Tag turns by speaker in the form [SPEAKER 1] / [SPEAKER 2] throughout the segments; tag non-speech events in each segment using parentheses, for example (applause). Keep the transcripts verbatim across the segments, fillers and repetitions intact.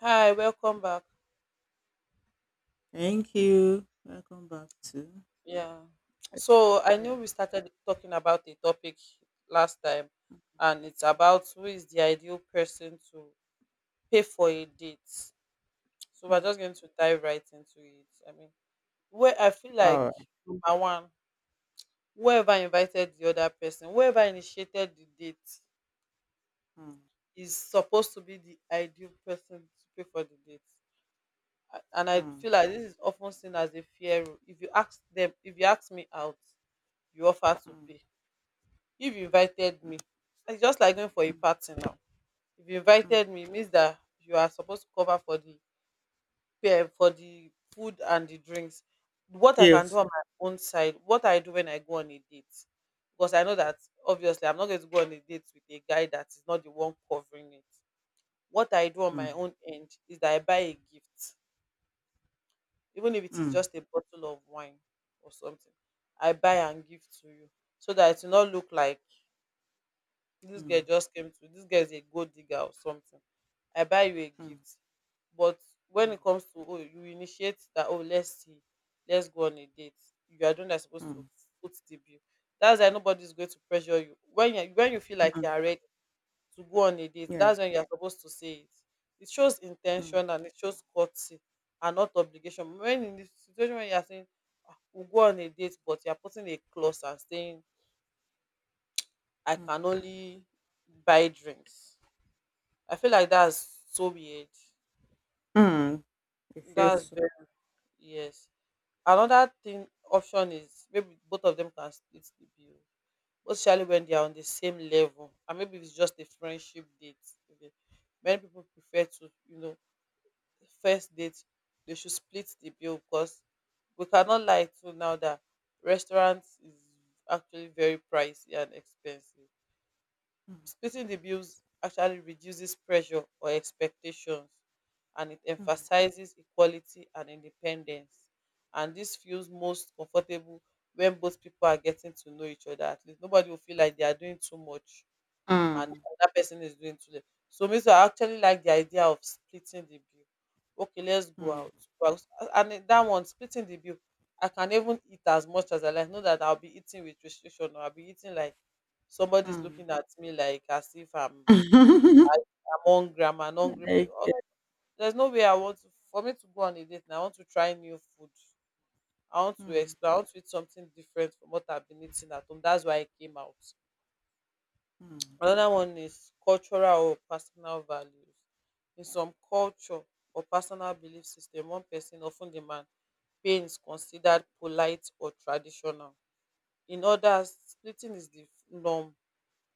[SPEAKER 1] Hi, welcome back.
[SPEAKER 2] Thank you. Welcome back to.
[SPEAKER 1] Yeah. So I know
[SPEAKER 2] Yeah.
[SPEAKER 1] we started talking about a topic last time, and it's about who is the ideal person to pay for a date. So we're
[SPEAKER 2] Mm.
[SPEAKER 1] just going to dive right into it. I mean, where I feel like
[SPEAKER 2] All right.
[SPEAKER 1] my one, whoever invited the other person, whoever initiated the date,
[SPEAKER 2] Mm.
[SPEAKER 1] is supposed to be the ideal person to pay for the date. A- And I
[SPEAKER 2] Mm.
[SPEAKER 1] feel like this is often seen as a fair rule. If you ask them, if you ask me out, you offer to
[SPEAKER 2] Mm.
[SPEAKER 1] pay. If you invited
[SPEAKER 2] Mm.
[SPEAKER 1] me, it's just like going for a
[SPEAKER 2] Mm.
[SPEAKER 1] party now. If you
[SPEAKER 2] Mm.
[SPEAKER 1] invited me, it means that you are supposed to cover for the fare- for the food and the drinks. What I can do
[SPEAKER 2] Yes. Yeah.
[SPEAKER 1] on my own side, what I do when I go on a date, because I know that obviously I'm not going to go on a date with a guy that is not the one covering it. What I do on my
[SPEAKER 2] Mm.
[SPEAKER 1] own end is that I buy a gift, even if it is
[SPEAKER 2] Mm.
[SPEAKER 1] just a bottle of wine or something. I buy and give to you so that it will not look like this
[SPEAKER 2] Mm.
[SPEAKER 1] girl just came to, this girl is a gold digger or something. I buy you a
[SPEAKER 2] Mm.
[SPEAKER 1] gift. But when
[SPEAKER 2] Mm.
[SPEAKER 1] it comes to, oh, you initiate that, oh, let's see, let's go on a date. You are the one that's supposed to
[SPEAKER 2] Mm.
[SPEAKER 1] put the bill. That's why nobody's going to pressure you. When you when you feel like you
[SPEAKER 2] Mm.
[SPEAKER 1] are ready to go on a date,
[SPEAKER 2] Yeah.
[SPEAKER 1] that's when you are supposed to say it. It shows
[SPEAKER 2] Mm.
[SPEAKER 1] intention and it shows courtesy and not obligation. When in the situation when you are saying, "Ah, we'll go on a date," but you are putting a clause and saying I
[SPEAKER 2] Mm.
[SPEAKER 1] can only buy drinks. I feel like that's so weird.
[SPEAKER 2] Mm. It feels
[SPEAKER 1] That's
[SPEAKER 2] so.
[SPEAKER 1] very, yes. Another thing option is maybe both of them can split the bill, especially when they are on the same level, and maybe it's just a friendship date. Okay. Many people prefer to, you know, first date they should split the bill because we cannot lie to now that restaurants is actually very pricey and expensive.
[SPEAKER 2] Mm.
[SPEAKER 1] Splitting the bills actually reduces pressure or expectations and it
[SPEAKER 2] Mm.
[SPEAKER 1] emphasizes equality and independence. And this feels most comfortable when both people are getting to know each other. At least nobody will feel like they are doing too much and that person is doing two. So me too, I actually like the idea of splitting the bill. Okay, let's go
[SPEAKER 2] Mm.
[SPEAKER 1] out. Well, and then that one splitting the bill, I can even eat as much as I like. Know that I'll be eating with restriction, or I'll be eating like
[SPEAKER 2] Mm.
[SPEAKER 1] somebody's
[SPEAKER 2] Mm.
[SPEAKER 1] looking at me like as if I'm
[SPEAKER 2] (laughs)
[SPEAKER 1] I- I'm hungry, I'm an hungry
[SPEAKER 2] Like.
[SPEAKER 1] person. Oh, there's no way I want to, for me to go on a date and I want to try new food. I want to
[SPEAKER 2] Mm.
[SPEAKER 1] explore, I want to eat something different from what I've been eating at home. That's why I came out.
[SPEAKER 2] Mm.
[SPEAKER 1] Another one is cultural or personal values. In some culture or personal belief system, one person of ten demand paying is considered polite or traditional. In others, splitting is the norm.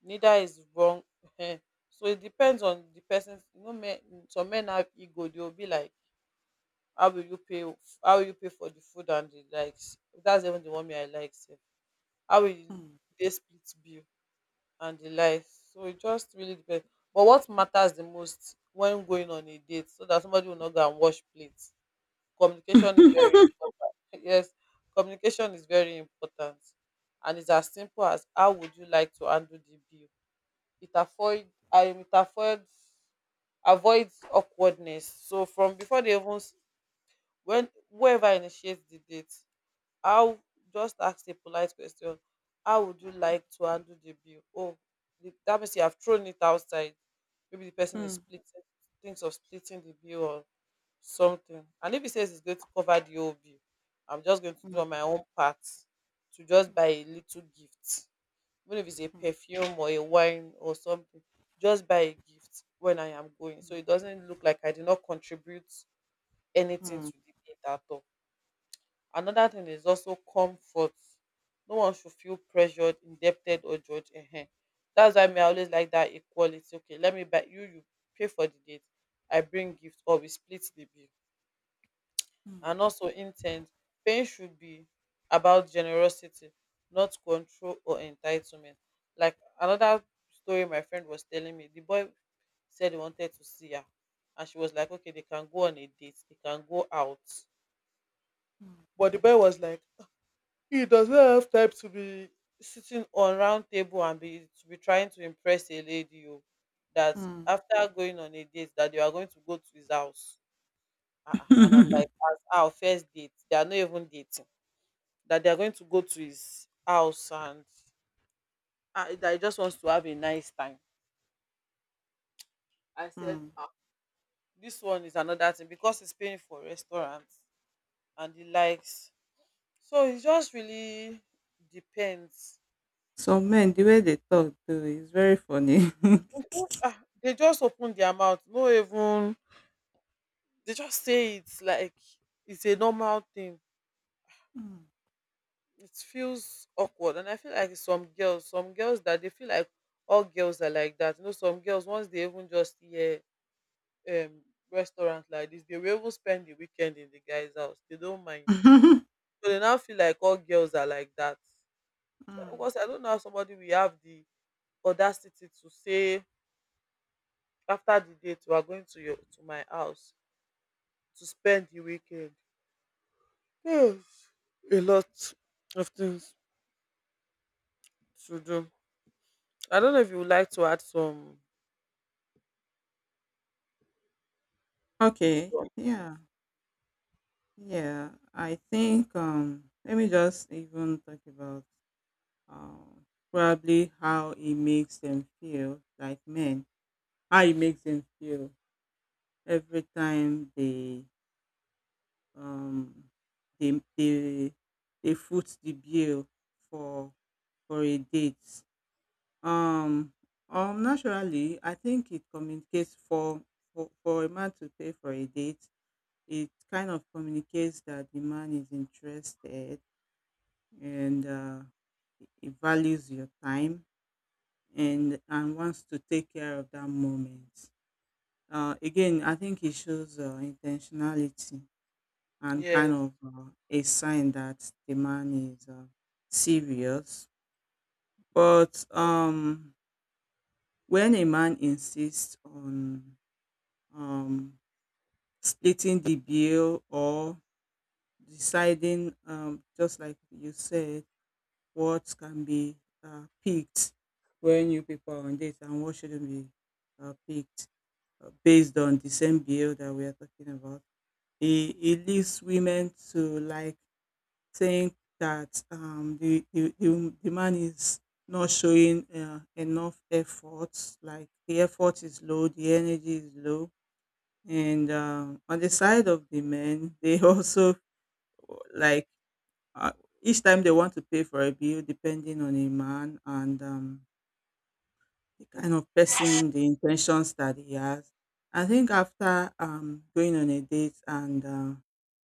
[SPEAKER 1] Neither is wrong. (laughs) Ehen. So it depends on the person. You know, men, some men have ego. They will be like, "How will you pay? How will you pay for the food and the likes?" That's even the one me I like, sef. How will you,
[SPEAKER 2] Mm.
[SPEAKER 1] they split bill? And the light. So it just really depends. But what matters the most when going on a date so that somebody will not go and wash plates. Communication is very
[SPEAKER 2] (laughs)
[SPEAKER 1] important. (laughs) Yes, communication is very important. And it's as simple as how would you like to handle the bill? It avoid I it avoids avoids awkwardness. So from before they even s- when whoever initiates the date, how, just ask a polite question. How would you like to handle the bill? Oh, the, that means you have thrown it outside. Maybe the person is
[SPEAKER 2] Mm.
[SPEAKER 1] splitting, thinks of splitting the bill or something. And if he says he's going to cover the whole bill, I'm just going to do my own part to just buy a little gift. Even if it's a perfume or a wine or something, just buy a gift when I am going. So it doesn't look like I did not contribute anything to the data at all. Another thing is also comfort. No one should feel pressured, indebted, or judged. Ehen. That's why me, I always like that equality. Okay, let me buy you, you pay for the date. I bring gift or we split the bill.
[SPEAKER 2] Mm. Mm. Mm. Mm.
[SPEAKER 1] And also intent. Paying should be about generosity, not control or entitlement. Like another story my friend was telling me, the boy said he wanted to see her. And she was like, okay, they can go on a date, they can go out.
[SPEAKER 2] Mm.
[SPEAKER 1] But the boy was like, he does not have time to be sitting on round table and be to be trying to impress a lady o, that
[SPEAKER 2] Mm. Mm.
[SPEAKER 1] after going on a date that you are going to go to his house. Ah, ah, and I'm like,
[SPEAKER 2] (laughs)
[SPEAKER 1] as our first date, they are not even dating. That they are going to go to his house and, ah, that he just wants to have a nice time. I said,
[SPEAKER 2] Mm.
[SPEAKER 1] ah, this one is another thing because he's paying for restaurants and he likes. So it just really depends.
[SPEAKER 2] Some men, the way they talk too is very funny.
[SPEAKER 1] (laughs) Mhm.
[SPEAKER 2] (laughs)
[SPEAKER 1] Ah, they just open their mouth, no even they just say it's like it's a normal thing.
[SPEAKER 2] Mm.
[SPEAKER 1] It feels awkward, and I feel like some girls, some girls that they feel like all girls are like that. You know, some girls once they even just hear um restaurant like this, they will even spend the weekend in the guy's house. They don't mind,
[SPEAKER 2] (laughs)
[SPEAKER 1] so they now feel like all girls are like that.
[SPEAKER 2] Mm.
[SPEAKER 1] Because I don't know how somebody will have the audacity to say, after the date we are going to your, to my house, to spend the weekend. Oh, a lot of things to do. I don't know if you would like to add some.
[SPEAKER 2] Okay.
[SPEAKER 1] Some,
[SPEAKER 2] Yeah. Yeah. I think um let me just even talk about um probably how it makes them feel like men. How it makes them feel every time they um they they they foot the bill for for a date. Um, um, Naturally, I think it communicates for, for for a man to pay for a date. It kind of communicates that the man is interested, and uh, he he values your time and and wants to take care of that moment. Uh, again, I think it shows uh, intentionality, and kind
[SPEAKER 1] yes.
[SPEAKER 2] of uh, a sign that the man is uh, serious. But um, when a man insists on um, splitting the bill or deciding, um, just like you said, what can be uh, picked when you people are on date and what shouldn't be uh, picked uh, based on the same bill that we are talking about. It, it leaves women to like think that um, the, the, the, the man is not showing uh, enough effort, like the effort is low, the energy is low, and um, on the side of the men they (laughs) also like uh, each time they want to pay for a bill depending on a man. And um, the kind of person, the intentions that he has, I think after um, going on a date and uh,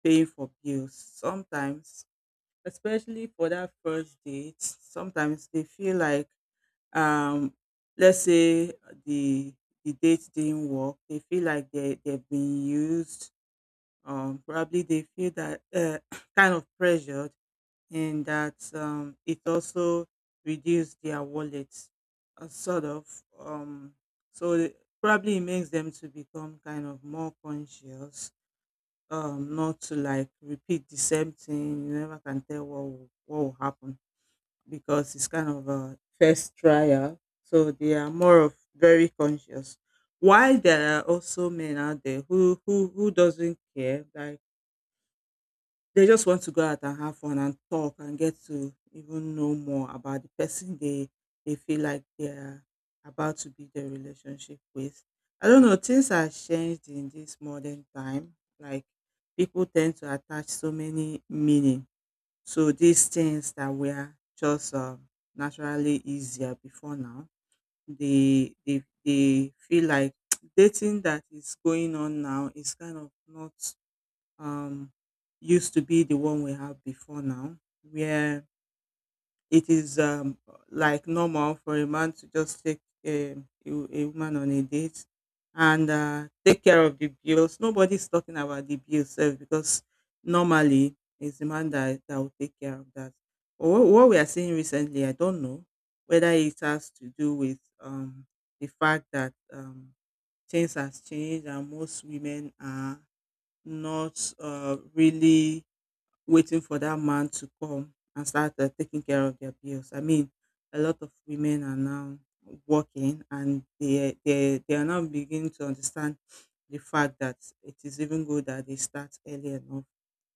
[SPEAKER 2] paying for bills sometimes, especially for that first date, sometimes they feel like, um, let's say the the date didn't work, they feel like they, they've been used. Um, probably they feel that, uh, (clears throat) kind of pressured, and that um, it also reduced their wallets, uh, sort of, um, so it probably it makes them to become kind of more conscious, um, not to like repeat the same thing. You never can tell what will, what will happen, because it's kind of a first trial, so they are more of very conscious. While there are also men out there who who who doesn't care, like they just want to go out and have fun and talk and get to even know more about the person they they feel like they're about to build their relationship with. I don't know, things have changed in this modern time. Like, people tend to attach so many meaning to these things that were just um, naturally easier before now. They they they feel like (tsk) dating that is going on now is kind of not um, used to be the one we have before now, where it is, um, like, normal for a man to just take a, a, a woman on a date and uh, take care of the bills. Nobody's talking about the bills sef, because normally it's the man that, that will take care of that. But what, what we are seeing recently, I don't know whether it has to do with um, the fact that, um, things has changed and most women are not, uh, really, waiting for that man to come and start uh, taking care of their bills. I mean, a lot of women are now working, and they, they, they are now beginning to understand the fact that it is even good that they start early enough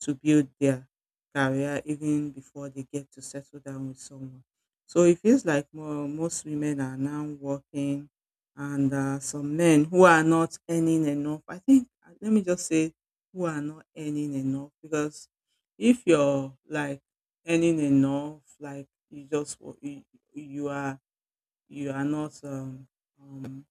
[SPEAKER 2] to build their career even before they get to settle down with someone. So it feels like, more, most women are now working, and uh, some men who are not earning enough. I think, uh, let me just say who are not earning enough, because if you're like earning enough, like you just wo- you, you are you are not um, um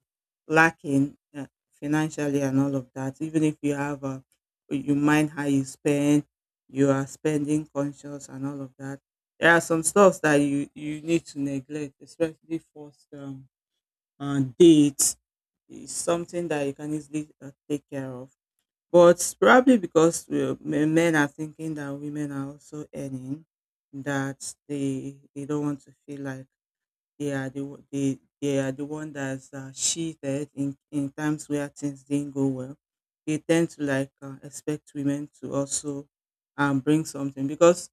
[SPEAKER 2] lacking uh, financially and all of that. Even if you have a, you mind how you spend, you are spending conscious and all of that. There are some stuffs that you you need to neglect, especially first, um, uh, dates. It's something that you can easily uh, take care of. But probably because we men men are thinking that women are also earning, that they they don't want to feel like they are the o- they they are the one that's uh, cheated in in times where things didn't go well. They tend to like uh, expect women to also um bring something, because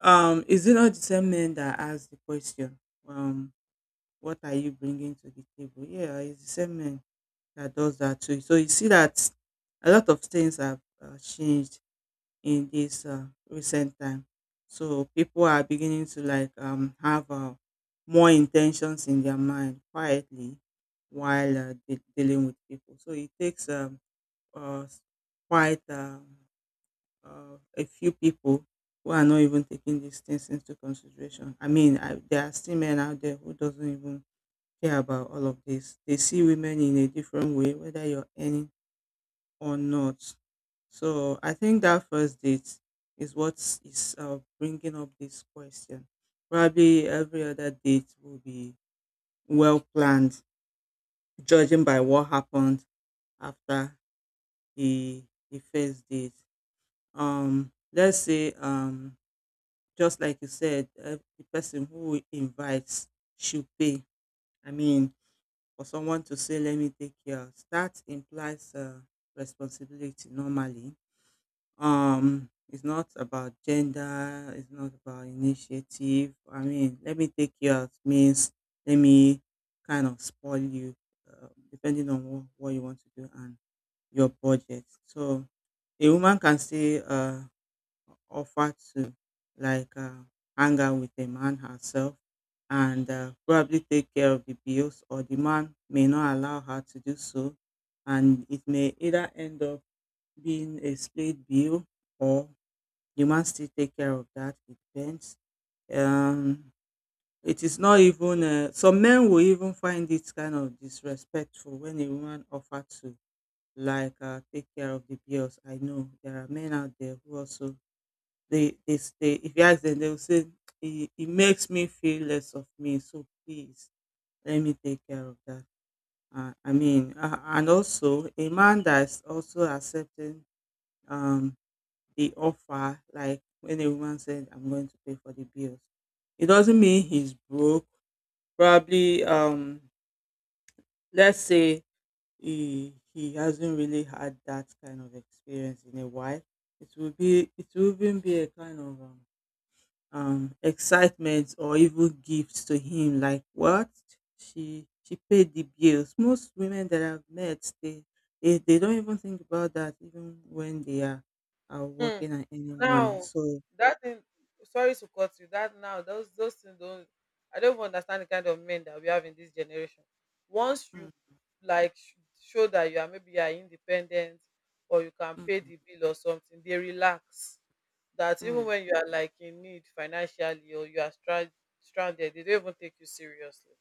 [SPEAKER 2] um is it not the same men that ask the question, um what are you bringing to the table? Yeah, it's the same men that does that too. So you see that a lot of things have uh, changed in this uh, recent time. So people are beginning to like, um, have uh, more intentions in their mind quietly while uh, de- dealing with people. So it takes, um, uh, s- quite um, uh, a few people who are not even taking these things into consideration. I mean, I, there are still men out there who doesn't even care about all of this. They see women in a different way, whether you're earning or not. So I think that first date is what is uh, bringing up this question. Probably every other date will be well planned, judging by what happened after the the first date. Um, let's say, um, just like you said, uh, the person who invites should pay. I mean, for someone to say, "Let me take care," that implies uh, responsibility normally. Um, it's not about gender, it's not about initiative. I mean, let me take you out means let me kind of spoil you, uh, depending on what, what you want to do and your budget. So a woman can still uh, offer to like uh, hang out with a man herself, and uh, probably take care of the bills, or the man may not allow her to do so, and it may either end up being a split bill, or you must still take care of that. It depends. Um, it is not even. Uh, some men will even find it kind of disrespectful when a woman offers to like uh, take care of the bills. I know there are men out there who also, they they, they, if you ask them, they will say, it, it makes me feel less of me. So please, let me take care of that. Uh, I mean, uh, and also a man that's also accepting um the offer, like when a woman said, I'm going to pay for the bills. It doesn't mean he's broke. Probably, um, let's say he he hasn't really had that kind of experience in a while. It will be it will even be a kind of um, um excitement or even gifts to him. Like what, she she paid the bills. Most women that I've met, they they, they don't even think about that, even when they are are
[SPEAKER 1] Hmm.
[SPEAKER 2] working and earning money.
[SPEAKER 1] Now
[SPEAKER 2] So.
[SPEAKER 1] that thing. Sorry to cut you. That now, those those things don't. I don't even understand the kind of men that we have in this generation. Once you like sh- show that you are, maybe you are independent or you can pay
[SPEAKER 2] Mm.
[SPEAKER 1] the bill or something, they relax. That even
[SPEAKER 2] Mm.
[SPEAKER 1] when you are like in need financially or you are stra- stranded, they don't even take you seriously.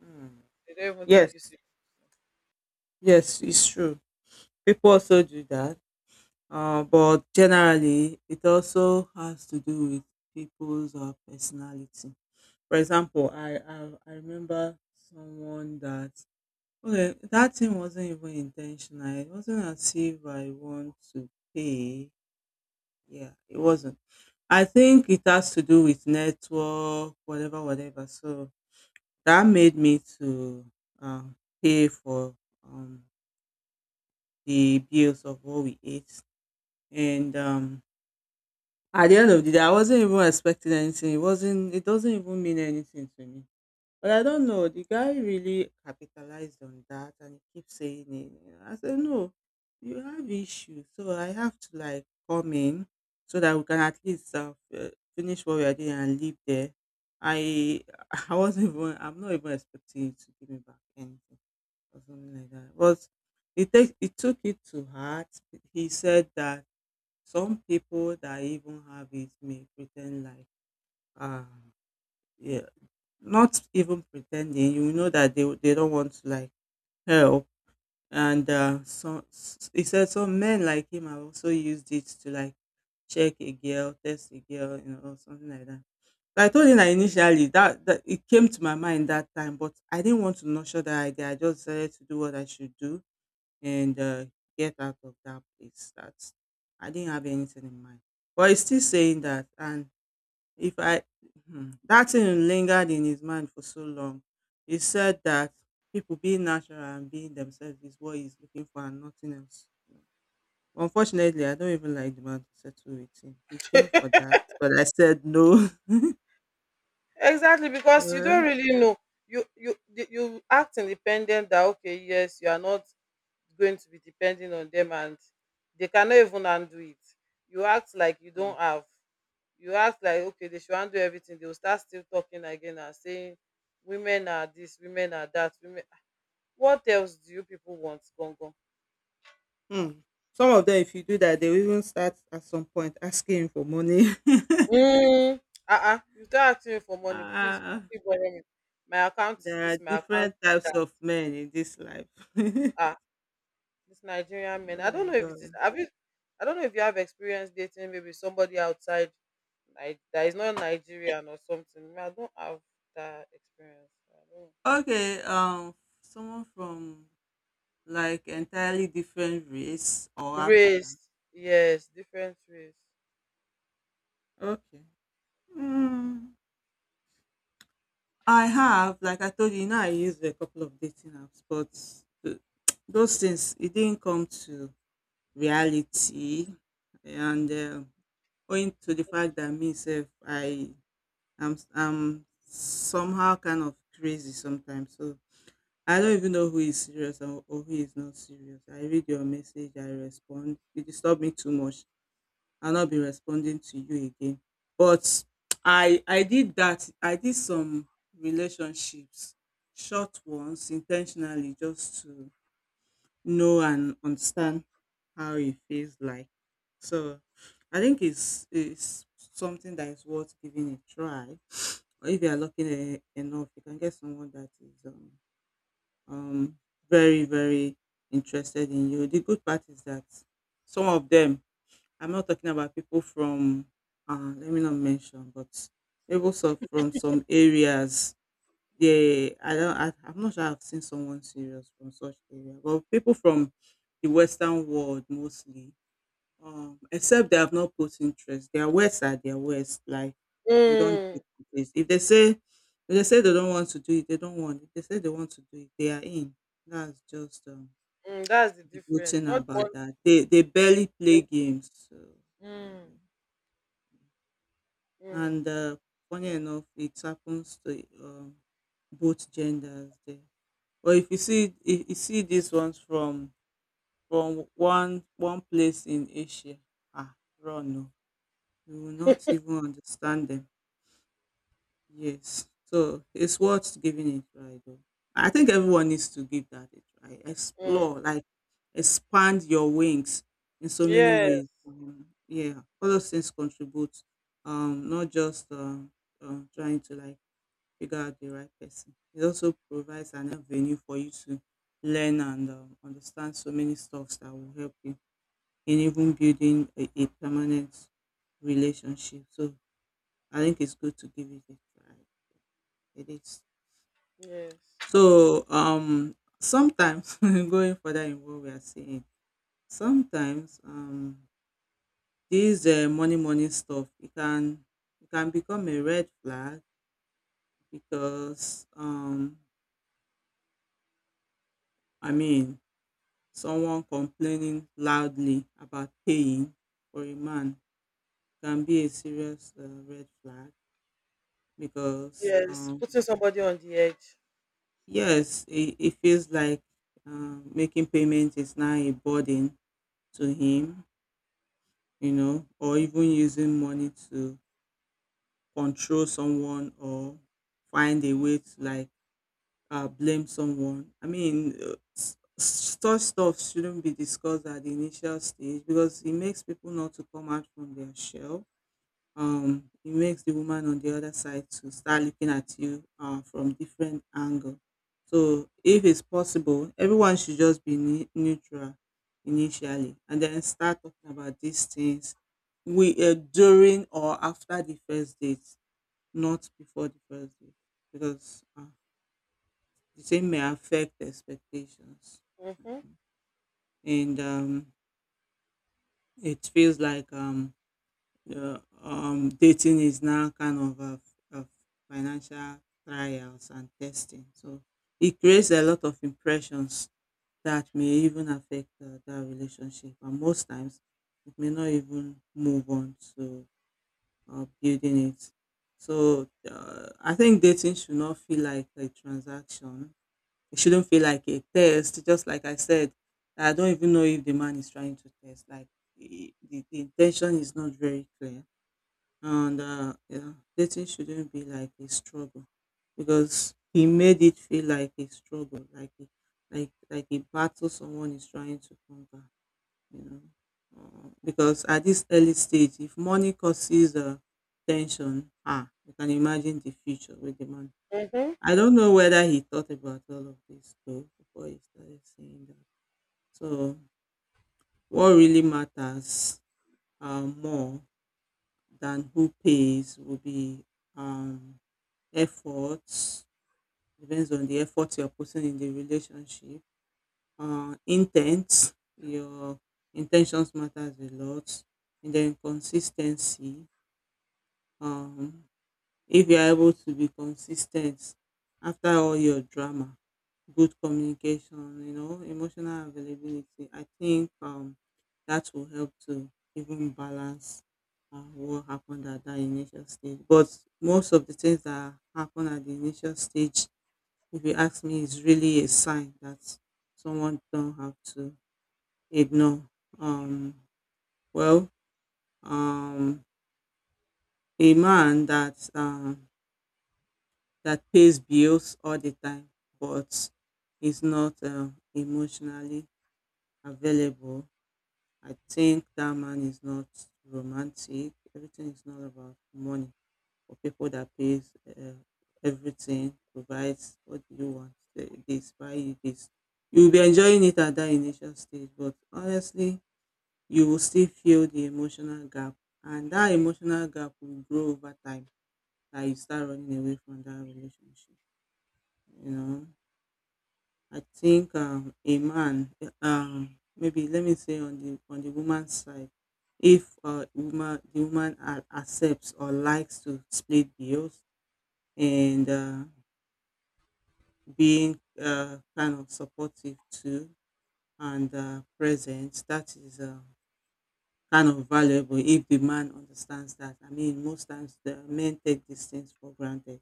[SPEAKER 2] Mm.
[SPEAKER 1] They don't even take
[SPEAKER 2] Yes,
[SPEAKER 1] you serious.
[SPEAKER 2] yes, it's true. People also do that, uh, but generally, it also has to do with people's uh, personality. For example, I, I I remember someone that, okay, that thing wasn't even intentional. It wasn't as if I want to pay. Yeah, it wasn't. I think it has to do with network, whatever, whatever. So that made me to, um, pay for, um, the bills of what we ate. And, um, at the end of the day, I wasn't even expecting anything. It wasn't. It doesn't even mean anything to me. But I don't know. The guy really capitalized on that, and he keeps saying it. You know, I said, no, you have issues, so I have to like come in so that we can at least uh, f- finish what we are doing and leave there. I (laughs) I wasn't even. I'm not even expecting you to give me back anything or something like that. But it takes it took it to heart. He said that some people that even have it may pretend like uh yeah, not even pretending. You know that they they don't want to like help. And uh, some s- he said some men like him have also used it to like check a girl, test a girl, you know, or something like that. So I told him that initially that, that it came to my mind that time, but I didn't want to nurture that idea. I just decided to do what I should do, and uh, get out of that place, that I didn't have anything in mind. But he's still saying that. And, if I, hmm, that thing lingered in his mind for so long. He said that people being natural and being themselves is what he's looking for and nothing else. Unfortunately, I don't even like the man to settle with him. He came for that, but I said no. (laughs)
[SPEAKER 1] Exactly, because you
[SPEAKER 2] Uh,
[SPEAKER 1] don't really know. You you the- you act independent that, okay, yes, you are not going to be depending on them and they cannot even undo it. You act like you
[SPEAKER 2] hmm.
[SPEAKER 1] don't have. You act like okay, they should undo everything. They will start still talking again and saying women are this, women are that, women what else do you people want, Gongo?
[SPEAKER 2] Hmm. Some of them, if you do that, they will even start at some point asking for money.
[SPEAKER 1] Mm. Uh-uh. You start asking me for
[SPEAKER 2] (laughs)
[SPEAKER 1] money, please
[SPEAKER 2] Ah.
[SPEAKER 1] quickly borrow me. My account is
[SPEAKER 2] There are
[SPEAKER 1] this, my account
[SPEAKER 2] different
[SPEAKER 1] is
[SPEAKER 2] types
[SPEAKER 1] that.
[SPEAKER 2] of men in this life. (laughs) Oh
[SPEAKER 1] Ah. This Nigerian men. I
[SPEAKER 2] my
[SPEAKER 1] don't know if it is.
[SPEAKER 2] god.
[SPEAKER 1] Have you? I don't know if you have experience dating maybe somebody outside Ni- that is not Nigerian or something. Me, I don't have that experience. I
[SPEAKER 2] Okay, um someone from like entirely different race or
[SPEAKER 1] don't.
[SPEAKER 2] African.
[SPEAKER 1] Race, yes, different race.
[SPEAKER 2] Okay. Mm, I have, like I told you, you know, I used a couple of dating apps, but th- those things it didn't come to reality, and uh, owing to the fact that myself, I am I'm somehow kind of crazy sometimes, so I don't even know who is serious or, or who is not serious. I read your message, I respond. You disturb me too much. I'll not be responding to you again. But I I did that. I did some relationships, short ones, intentionally, just to know and understand how it feels like. So I think it's it's something that is worth giving a try. Or if you are lucky e- enough, you can get someone that is um, um, very, very interested in you. The good part is that some of them, I'm not talking about people from, uh, let me not mention, but people so from some areas, they, I don't, I, I'm not sure I've seen someone serious from such area, but people from the Western world mostly, um, except they have not put interest. Their words are their words. Like they don't do
[SPEAKER 1] Mm,
[SPEAKER 2] with this. If they say if they say they don't want to do it, they don't want. If they say they want to do it, they are in. That's just um,
[SPEAKER 1] mm, that's the
[SPEAKER 2] the good
[SPEAKER 1] difference.
[SPEAKER 2] thing
[SPEAKER 1] Not one.
[SPEAKER 2] about that. They they barely play games. So, um,
[SPEAKER 1] Mm,
[SPEAKER 2] and
[SPEAKER 1] mm,
[SPEAKER 2] uh, funny enough, it happens to um, both genders there. But if you see if you see these ones from from one one place in Asia, ah, run. You will not even understand them. Yes. So it's worth giving it right though. I think everyone needs to give that a try. Explore,
[SPEAKER 1] mm.
[SPEAKER 2] like expand your wings in so many
[SPEAKER 1] Yes,
[SPEAKER 2] ways. Um, yeah, all those things contribute. Um, not just um, uh, trying to like figure out the right person. It also provides an avenue for you to learn and um, understand so many stuffs that will help you in even building a, a permanent relationship. So I think it's good to give it a try. It is.
[SPEAKER 1] yes,
[SPEAKER 2] So um sometimes (laughs) going further in what we are saying, sometimes um these uh, money money stuff it can it can become a red flag because um I mean someone complaining loudly about paying for a man can be a serious uh, red flag because
[SPEAKER 1] yes.
[SPEAKER 2] um
[SPEAKER 1] Putting somebody on the edge.
[SPEAKER 2] yes, it, it feels like um, making payments is now a burden to him, you know, or even using money to control someone or find a way to like uh, blame someone. I mean, uh, s- s- such stuff shouldn't be discussed at the initial stage because it makes people not to come out from their shell. um it makes the woman on the other side to start looking at you uh, from different angle. So if it's possible everyone should just be ne- neutral initially and then start talking about these things we uh, during or after the first date, not before the first date because uh, the same may affect expectations.
[SPEAKER 1] Mm-hmm,
[SPEAKER 2] And um, it feels like um, yeah, um, dating is now kind of a, a financial trials and testing. So it creates a lot of impressions that may even affect uh, that relationship. And most times, it may not even move on to uh, building it. So uh, I think dating should not feel like a transaction. It shouldn't feel like a test. Just like I said, I don't even know if the man is trying to test. Like the, the the intention is not very clear, and uh, yeah, dating shouldn't be like a struggle because he made it feel like a struggle, like a, like like a battle someone is trying to conquer, you know. Uh, because at this early stage, if money causes uh, tension, ah, you can imagine the future with the man.
[SPEAKER 1] mm-hmm.
[SPEAKER 2] I don't know whether he thought about all of this though before he started saying that. So, what really matters uh, more than who pays will be um, efforts, depends on the effort you're putting in the relationship. Uh, intent, your intentions matters a lot. And then consistency. Um, if you're able to be consistent after all your drama, good communication, you know, emotional availability, I think um, that will help to even balance uh, what happened at that initial stage. But most of the things that happen at the initial stage, if you ask me, is really a sign that someone don't have to ignore. Um, well, um, a man that um, that pays bills all the time but is not uh, emotionally available, I think that man is not romantic. Everything is not about money. For people that pays uh, everything, provides what do you want, say this, buy you this. You'll be enjoying it at that initial stage, but honestly, you will still feel the emotional gap, and that emotional gap will grow over time that you start running away from that relationship. You know, I think um, a man, um, maybe let me say on the on the woman's side, if uh, woman the woman a- accepts or likes to split bills and uh, being uh, kind of supportive too and uh, present, that is uh, kind of valuable if the man understands that. I mean most times the men take these things for granted,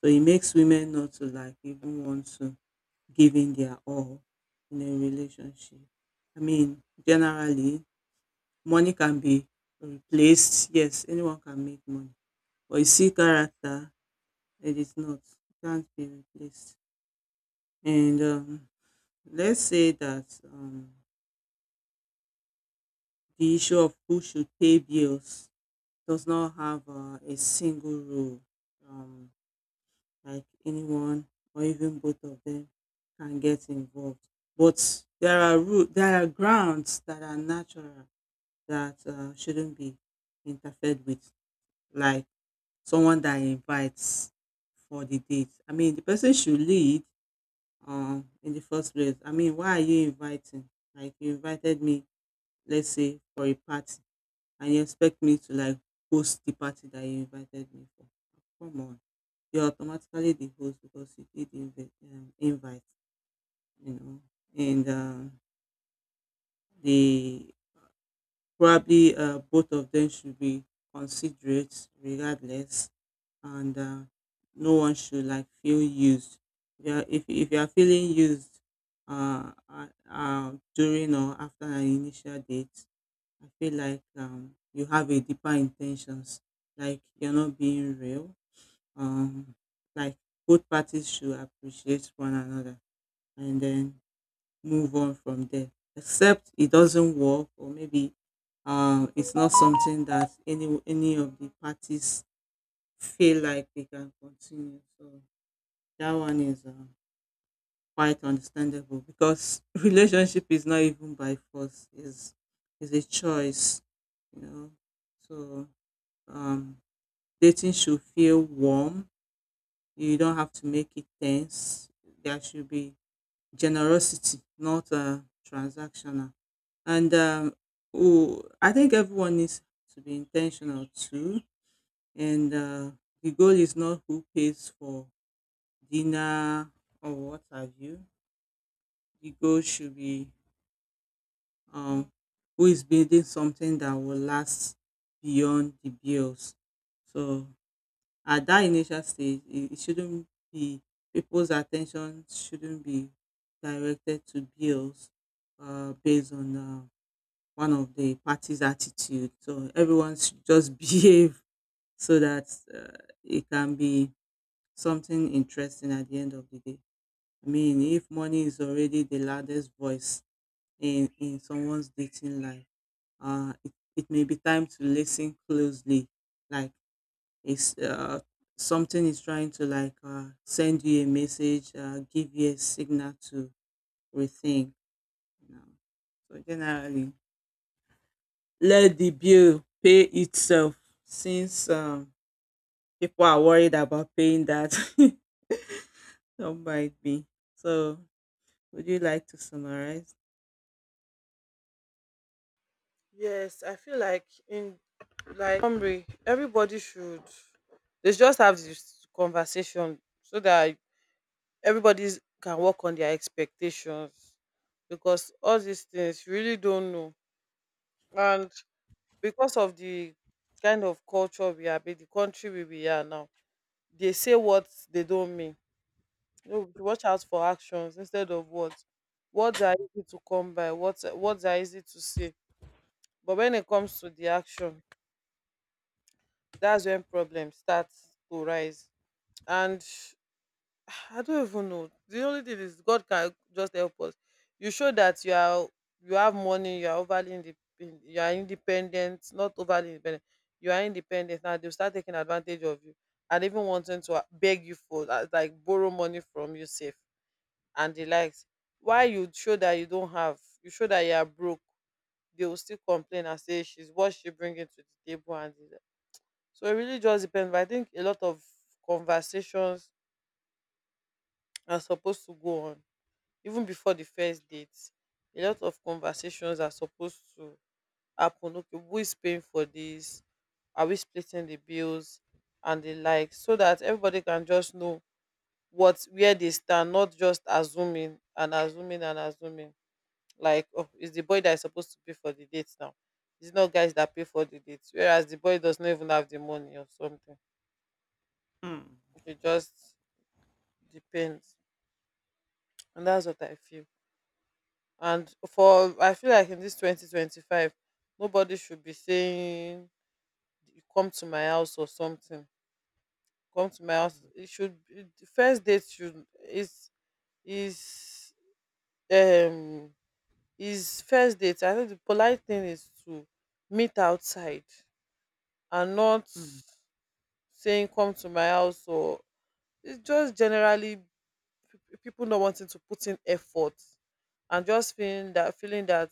[SPEAKER 2] so it makes women not to like even want to give in their all in a relationship. I mean generally money can be replaced, yes, anyone can make money, but you see character, it is not, it can't be replaced. And um, let's say that um, the issue of who should pay bills does not have uh, a single rule. Um, like anyone or even both of them can get involved. But there are ru- there are grounds that are natural that uh, shouldn't be interfered with, like someone that invites for the date. I mean, the person should lead um, in the first place. I mean, why are you inviting? Like you invited me, let's say, for a party and you expect me to like host the party that you invited me for. Come on, you're automatically the host because you did invi- um, invite, you know. And um, the probably uh, both of them should be considerate regardless, and uh, no one should like feel used. Yeah, if if you are feeling used uh, uh, uh, during or after an initial date, I feel like um, you have a deeper intentions, like you're not being real. Um, like both parties should appreciate one another and then move on from there. Except it doesn't work, or maybe um, it's not something that any any of the parties feel like they can continue. So that one is uh quite understandable because (laughs) relationship is not even by force; is is a choice, you know. So Um, dating should feel warm. You don't have to make it tense. There should be generosity, not uh, transactional. And um, oh, I think everyone needs to be intentional too. And uh, the goal is not who pays for dinner or what have you. The goal should be um, who is building something that will last beyond the bills. So at that initial stage, it it shouldn't be, people's attention shouldn't be directed to bills uh, based on uh, one of the party's attitude. So everyone should just (laughs) behave so that uh, it can be something interesting at the end of the day. I mean, if money is already the loudest voice in in someone's dating life, uh, it, it may be time to listen closely, like it's uh, something is trying to like uh, send you a message, uh, give you a signal to rethink. You know? So generally, let the bill pay itself. Since um, people are worried about paying that, (laughs) some might be. So would you like to summarize?
[SPEAKER 1] Yes, I feel like in, like hungry, everybody should, they should just have this conversation so that everybody can work on their expectations because all these things you really don't know. And because of the kind of culture we are, the country where we are now, they say what they don't mean. You know, we should watch out for actions instead of words. Words are easy to come by. Words words are easy to say, but when it comes to the action, that's when problems start to rise. And I don't even know. The only thing is God can just help us. You show that you are, you have money, you are overly independent, you are independent, not overly independent. You are independent now. They'll start taking advantage of you and even wanting to a- beg you for, uh, like borrow money from you safe and the likes. Why you show that you don't have, you show that you are broke, they will still complain and say she's what she bringing to the table and the like. So it really just depends. But I think a lot of conversations are supposed to go on even before the first date. A lot of conversations are supposed to happen. Okay, who is paying for this? Are we splitting the bills and the like, so that everybody can just know what, where they stand, not just assuming and assuming and assuming, like, oh, it's the boy that is supposed to pay for the dates now. It's not guys that pay for the dates, whereas the boy does not even have the money or something.
[SPEAKER 2] Mm,
[SPEAKER 1] It just depends, and that's what I feel. And for, I feel like in this twenty twenty-five nobody should be saying, "You come to my house or something, come to my house."
[SPEAKER 2] mm,
[SPEAKER 1] It should, it, the first date should is is um is first date, I think the polite thing is to meet outside, and not
[SPEAKER 2] mm,
[SPEAKER 1] saying come to my house or. It's just generally pe- people not wanting to put in effort, and just feeling that feeling that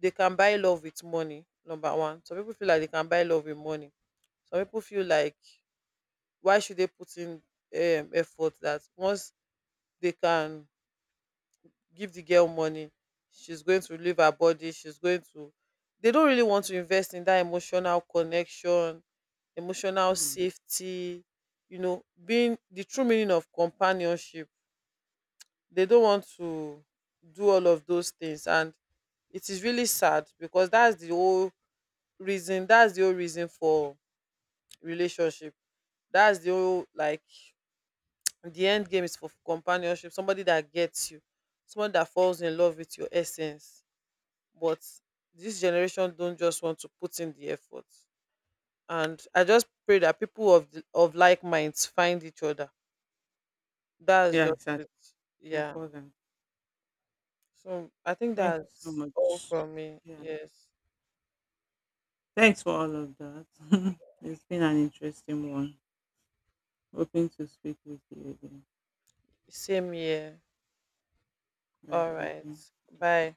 [SPEAKER 1] they can buy love with money. Number one, some people feel like they can buy love with money. Some people feel like, why should they put in um, effort that, once they can give the girl money, she's going to leave her body, she's going to, they don't really want to invest in that emotional connection, emotional
[SPEAKER 2] mm.
[SPEAKER 1] safety. You know, being the true meaning of companionship, they don't want to do all of those things. And it is really sad because that's the whole reason, that's the whole reason for relationship. That's the whole, like, the end game is for companionship, somebody that gets you, someone that falls in love with your essence. But this generation don't just want to put in the effort, and I just pray that people of the, of like minds find each other. That's
[SPEAKER 2] Yeah,
[SPEAKER 1] just
[SPEAKER 2] exactly.
[SPEAKER 1] it.
[SPEAKER 2] It's
[SPEAKER 1] Yeah.
[SPEAKER 2] important.
[SPEAKER 1] So I think
[SPEAKER 2] Thank you so
[SPEAKER 1] that's all
[SPEAKER 2] much.
[SPEAKER 1] from me.
[SPEAKER 2] Yeah.
[SPEAKER 1] Yes.
[SPEAKER 2] Thanks for all of that. (laughs) It's been an interesting one. Hoping to speak with you again.
[SPEAKER 1] Same here.
[SPEAKER 2] Yeah,
[SPEAKER 1] All
[SPEAKER 2] thank
[SPEAKER 1] right.
[SPEAKER 2] you.
[SPEAKER 1] Bye.